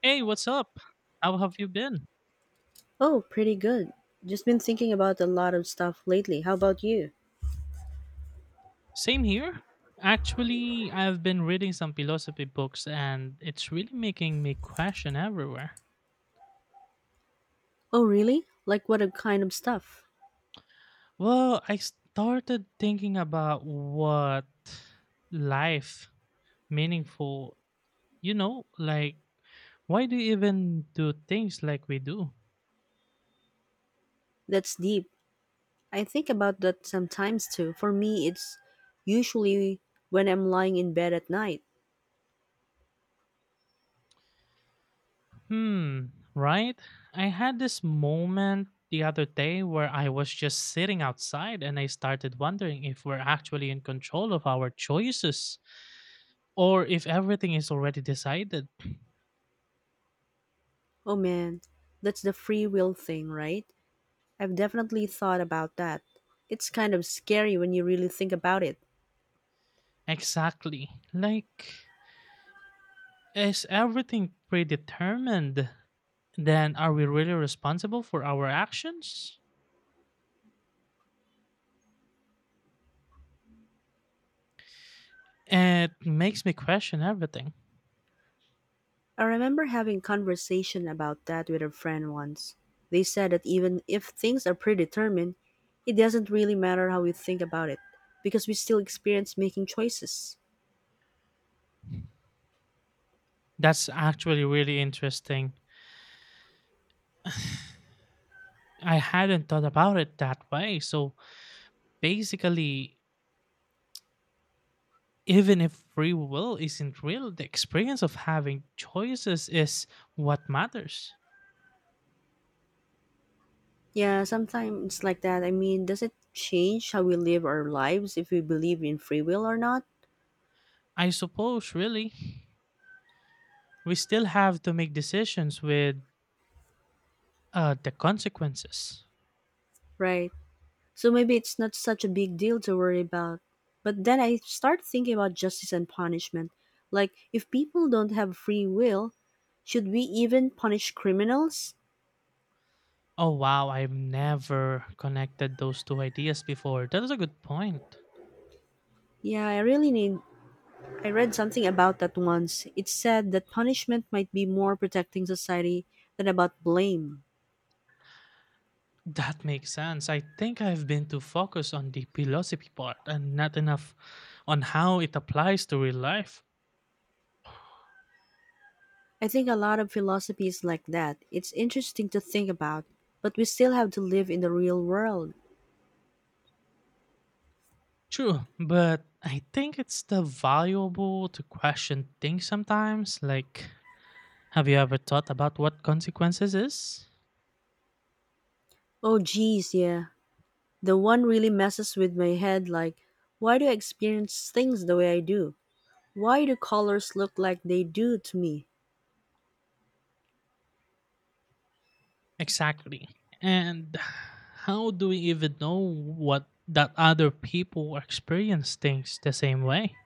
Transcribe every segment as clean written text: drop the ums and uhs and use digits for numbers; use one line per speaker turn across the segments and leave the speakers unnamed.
Hey, what's up? How have you been?
Oh, pretty good. Just been thinking about a lot of stuff lately. How about you?
Same here. Actually, I've been reading some philosophy books and it's really making me question everywhere.
Oh, really? Like what a kind of stuff?
Well, I started thinking about what life meaningful, you know, like why do you even do things like we do?
That's deep. I think about that sometimes too. For me, it's usually when I'm lying in bed at night.
Hmm, right? I had this moment the other day where I was just sitting outside and I started wondering if we're actually in control of our choices or if everything is already decided.
Oh man, that's the free will thing, right? I've definitely thought about that. It's kind of scary when you really think about it.
Exactly. Like, is everything predetermined? Then are we really responsible for our actions? It makes me question everything.
I remember having conversation about that with a friend once. They said that even if things are predetermined, it doesn't really matter how we think about it because we still experience making choices.
That's actually really interesting. I hadn't thought about it that way. So basically, even if free will isn't real, the experience of having choices is what matters.
Yeah, sometimes it's like that. I mean, does it change how we live our lives if we believe in free will or not?
I suppose, really, we still have to make decisions with the consequences.
Right. So maybe it's not such a big deal to worry about. But then I start thinking about justice and punishment. Like, if people don't have free will, should we even punish criminals?
Oh, wow, I've never connected those two ideas before. That is a good point.
Yeah, I really need. I read something about that once. It said that punishment might be more protecting society than about blame.
That makes sense. I think I've been too focused on the philosophy part and not enough on how it applies to real life.
I think a lot of philosophy is like that. It's interesting to think about, but we still have to live in the real world.
True, but I think it's the valuable to question things sometimes. Like, have you ever thought about what consequences is?
Oh, geez, yeah. The one really messes with my head like, why do I experience things the way I do? Why do colors look like they do to me?
Exactly. And how do we even know what that other people experience things the same way?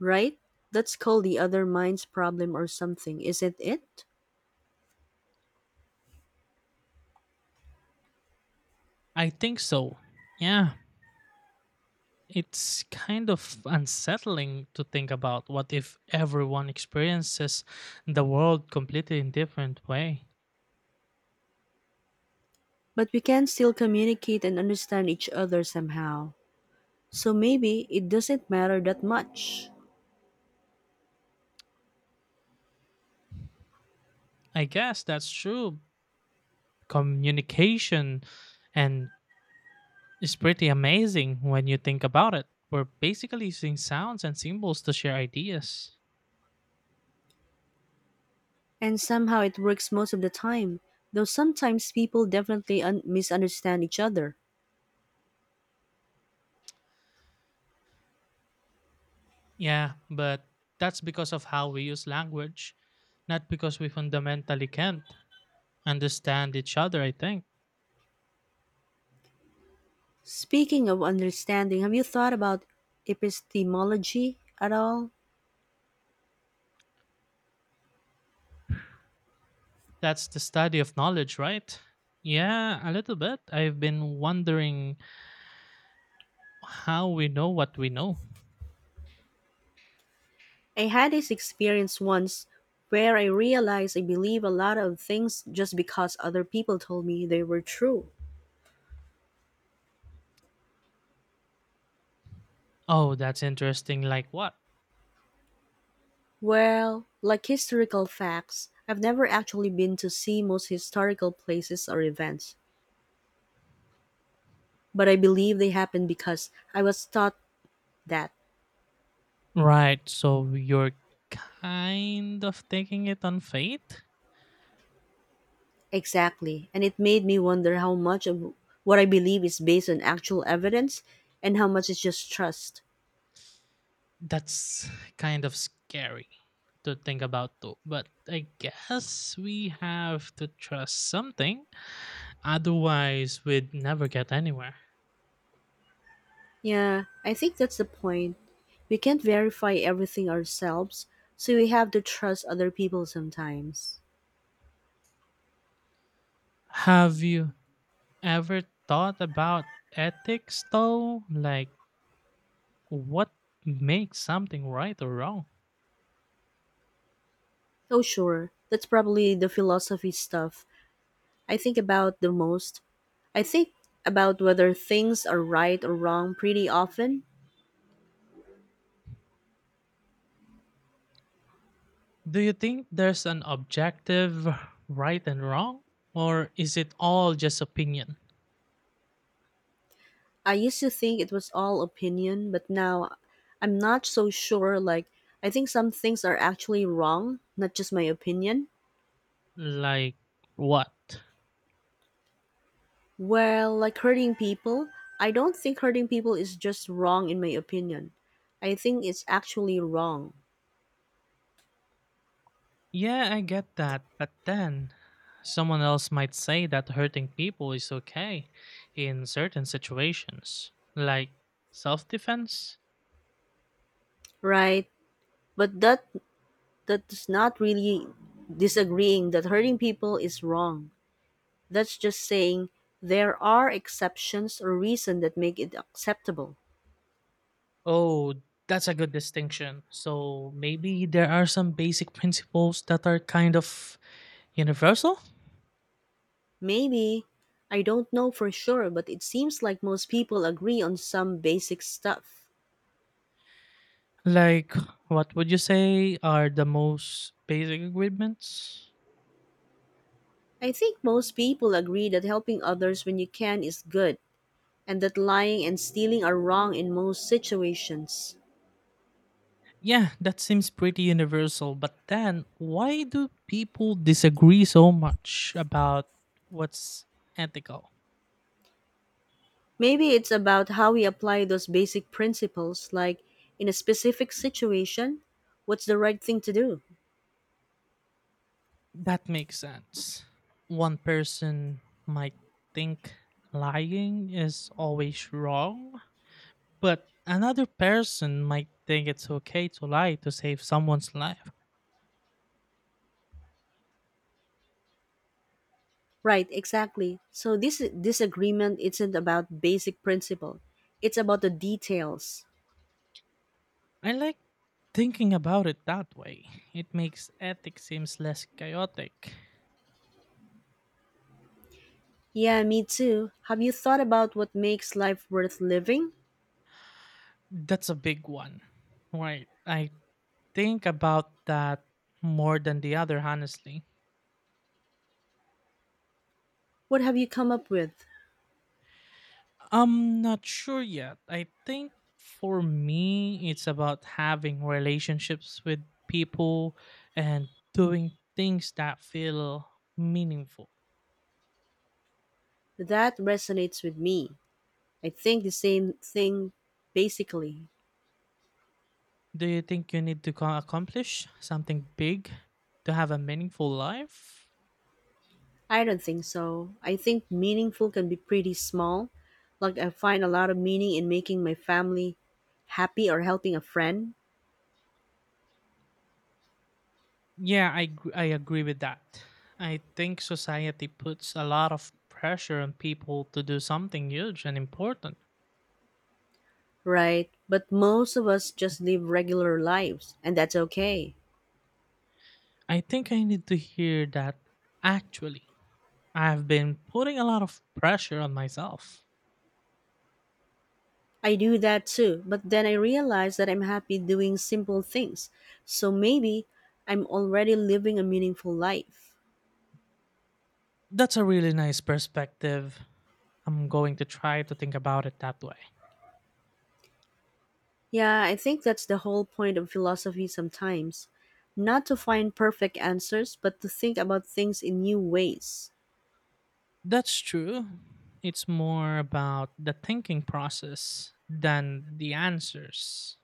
Right? That's called the other mind's problem or something, isn't it?
I think so. Yeah, it's kind of unsettling to think about what if everyone experiences the world completely in different way.
But we can still communicate and understand each other somehow. So maybe it doesn't matter that much.
I guess that's true. Communication and it's pretty amazing when you think about it. We're basically using sounds and symbols to share ideas.
And somehow it works most of the time, though sometimes people definitely misunderstand each other.
Yeah, but that's because of how we use language, not because we fundamentally can't understand each other, I think.
Speaking of understanding, have you thought about epistemology at all?
That's the study of knowledge, right? Yeah, a little bit. I've been wondering how we know what we know.
I had this experience once where I realized I believe a lot of things just because other people told me they were true.
Oh, that's interesting. Like what?
Well, like historical facts, I've never actually been to see most historical places or events, but I believe they happened because I was taught that
Right, so you're kind of taking it on faith?
exactly, and it made me wonder how much of what I believe is based on actual evidence and how much is just trust.
That's kind of scary to think about, though. But I guess we have to trust something, otherwise, we'd never get anywhere.
Yeah, I think that's the point. We can't verify everything ourselves, so we have to trust other people sometimes.
Have you ever thought about ethics, though? Like, what makes something right or wrong?
Oh, sure, that's probably the philosophy stuff I think about the most. I think about whether things are right or wrong pretty often.
Do you think there's an objective right and wrong? Or is it all just opinion?
I used to think it was all opinion, but now I'm not so sure. Like, I think some things are actually wrong, not just my opinion.
Like what?
Well, like hurting people, I don't think hurting people is just wrong in my opinion. I think it's actually wrong,
Yeah, I get that, but then someone else might say that hurting people is okay in certain situations, like self defense.
right? But that is not really disagreeing that hurting people is wrong. That's just saying there are exceptions or reasons that make it acceptable.
Oh, that's a good distinction. So maybe there are some basic principles that are kind of universal?
Maybe. I don't know for sure, but it seems like most people agree on some basic stuff.
Like, what would you say are the most basic agreements?
I think most people agree that helping others when you can is good, and that lying and stealing are wrong in most situations.
Yeah, that seems pretty universal, but then why do people disagree so much about what's ethical?
Maybe it's about how we apply those basic principles, like in a specific situation, what's the right thing to do?
That makes sense. One person might think lying is always wrong, but another person might think it's okay to lie to save someone's life.
Right, exactly. So this disagreement isn't about basic principle. It's about the details.
I like thinking about it that way. It makes ethics seems less chaotic.
Yeah, me too. Have you thought about what makes life worth living?
That's a big one. Right. I think about that more than the other, honestly.
What have you come up with?
I'm not sure yet. I think for me, it's about having relationships with people and doing things that feel meaningful.
That resonates with me. I think the same thing basically.
Do you think you need to accomplish something big to have a meaningful life?
I don't think so. I think meaningful can be pretty small. Like I find a lot of meaning in making my family happy or helping a friend.
Yeah, I agree with that. I think society puts a lot of pressure on people to do something huge and important.
Right, but most of us just live regular lives, and that's okay.
I think I need to hear that actually. I've been putting a lot of pressure on myself.
I do that too, but then I realize that I'm happy doing simple things. So maybe I'm already living a meaningful life.
That's a really nice perspective. I'm going to try to think about it that way.
Yeah, I think that's the whole point of philosophy sometimes. Not to find perfect answers, but to think about things in new ways.
That's true. It's more about the thinking process than the answers.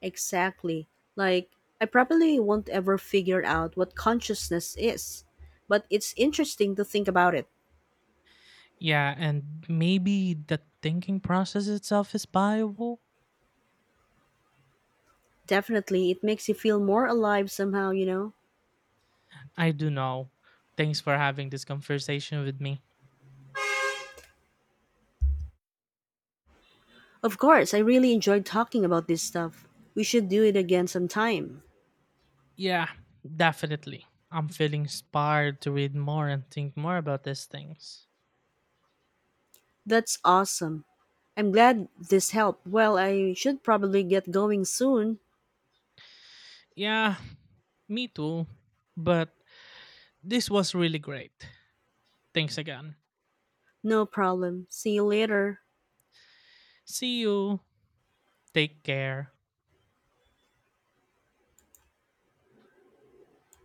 Exactly. Like, I probably won't ever figure out what consciousness is, but it's interesting to think about it.
Yeah, and maybe the thinking process itself is viable.
Definitely, it makes you feel more alive somehow, you know?
I do know. Thanks for having this conversation with me.
Of course, I really enjoyed talking about this stuff. We should do it again sometime.
Yeah, definitely. I'm feeling inspired to read more and think more about these things.
That's awesome. I'm glad this helped. Well, I should probably get going soon.
Yeah, me too. But this was really great. Thanks again.
No problem. See you later.
See you. Take care.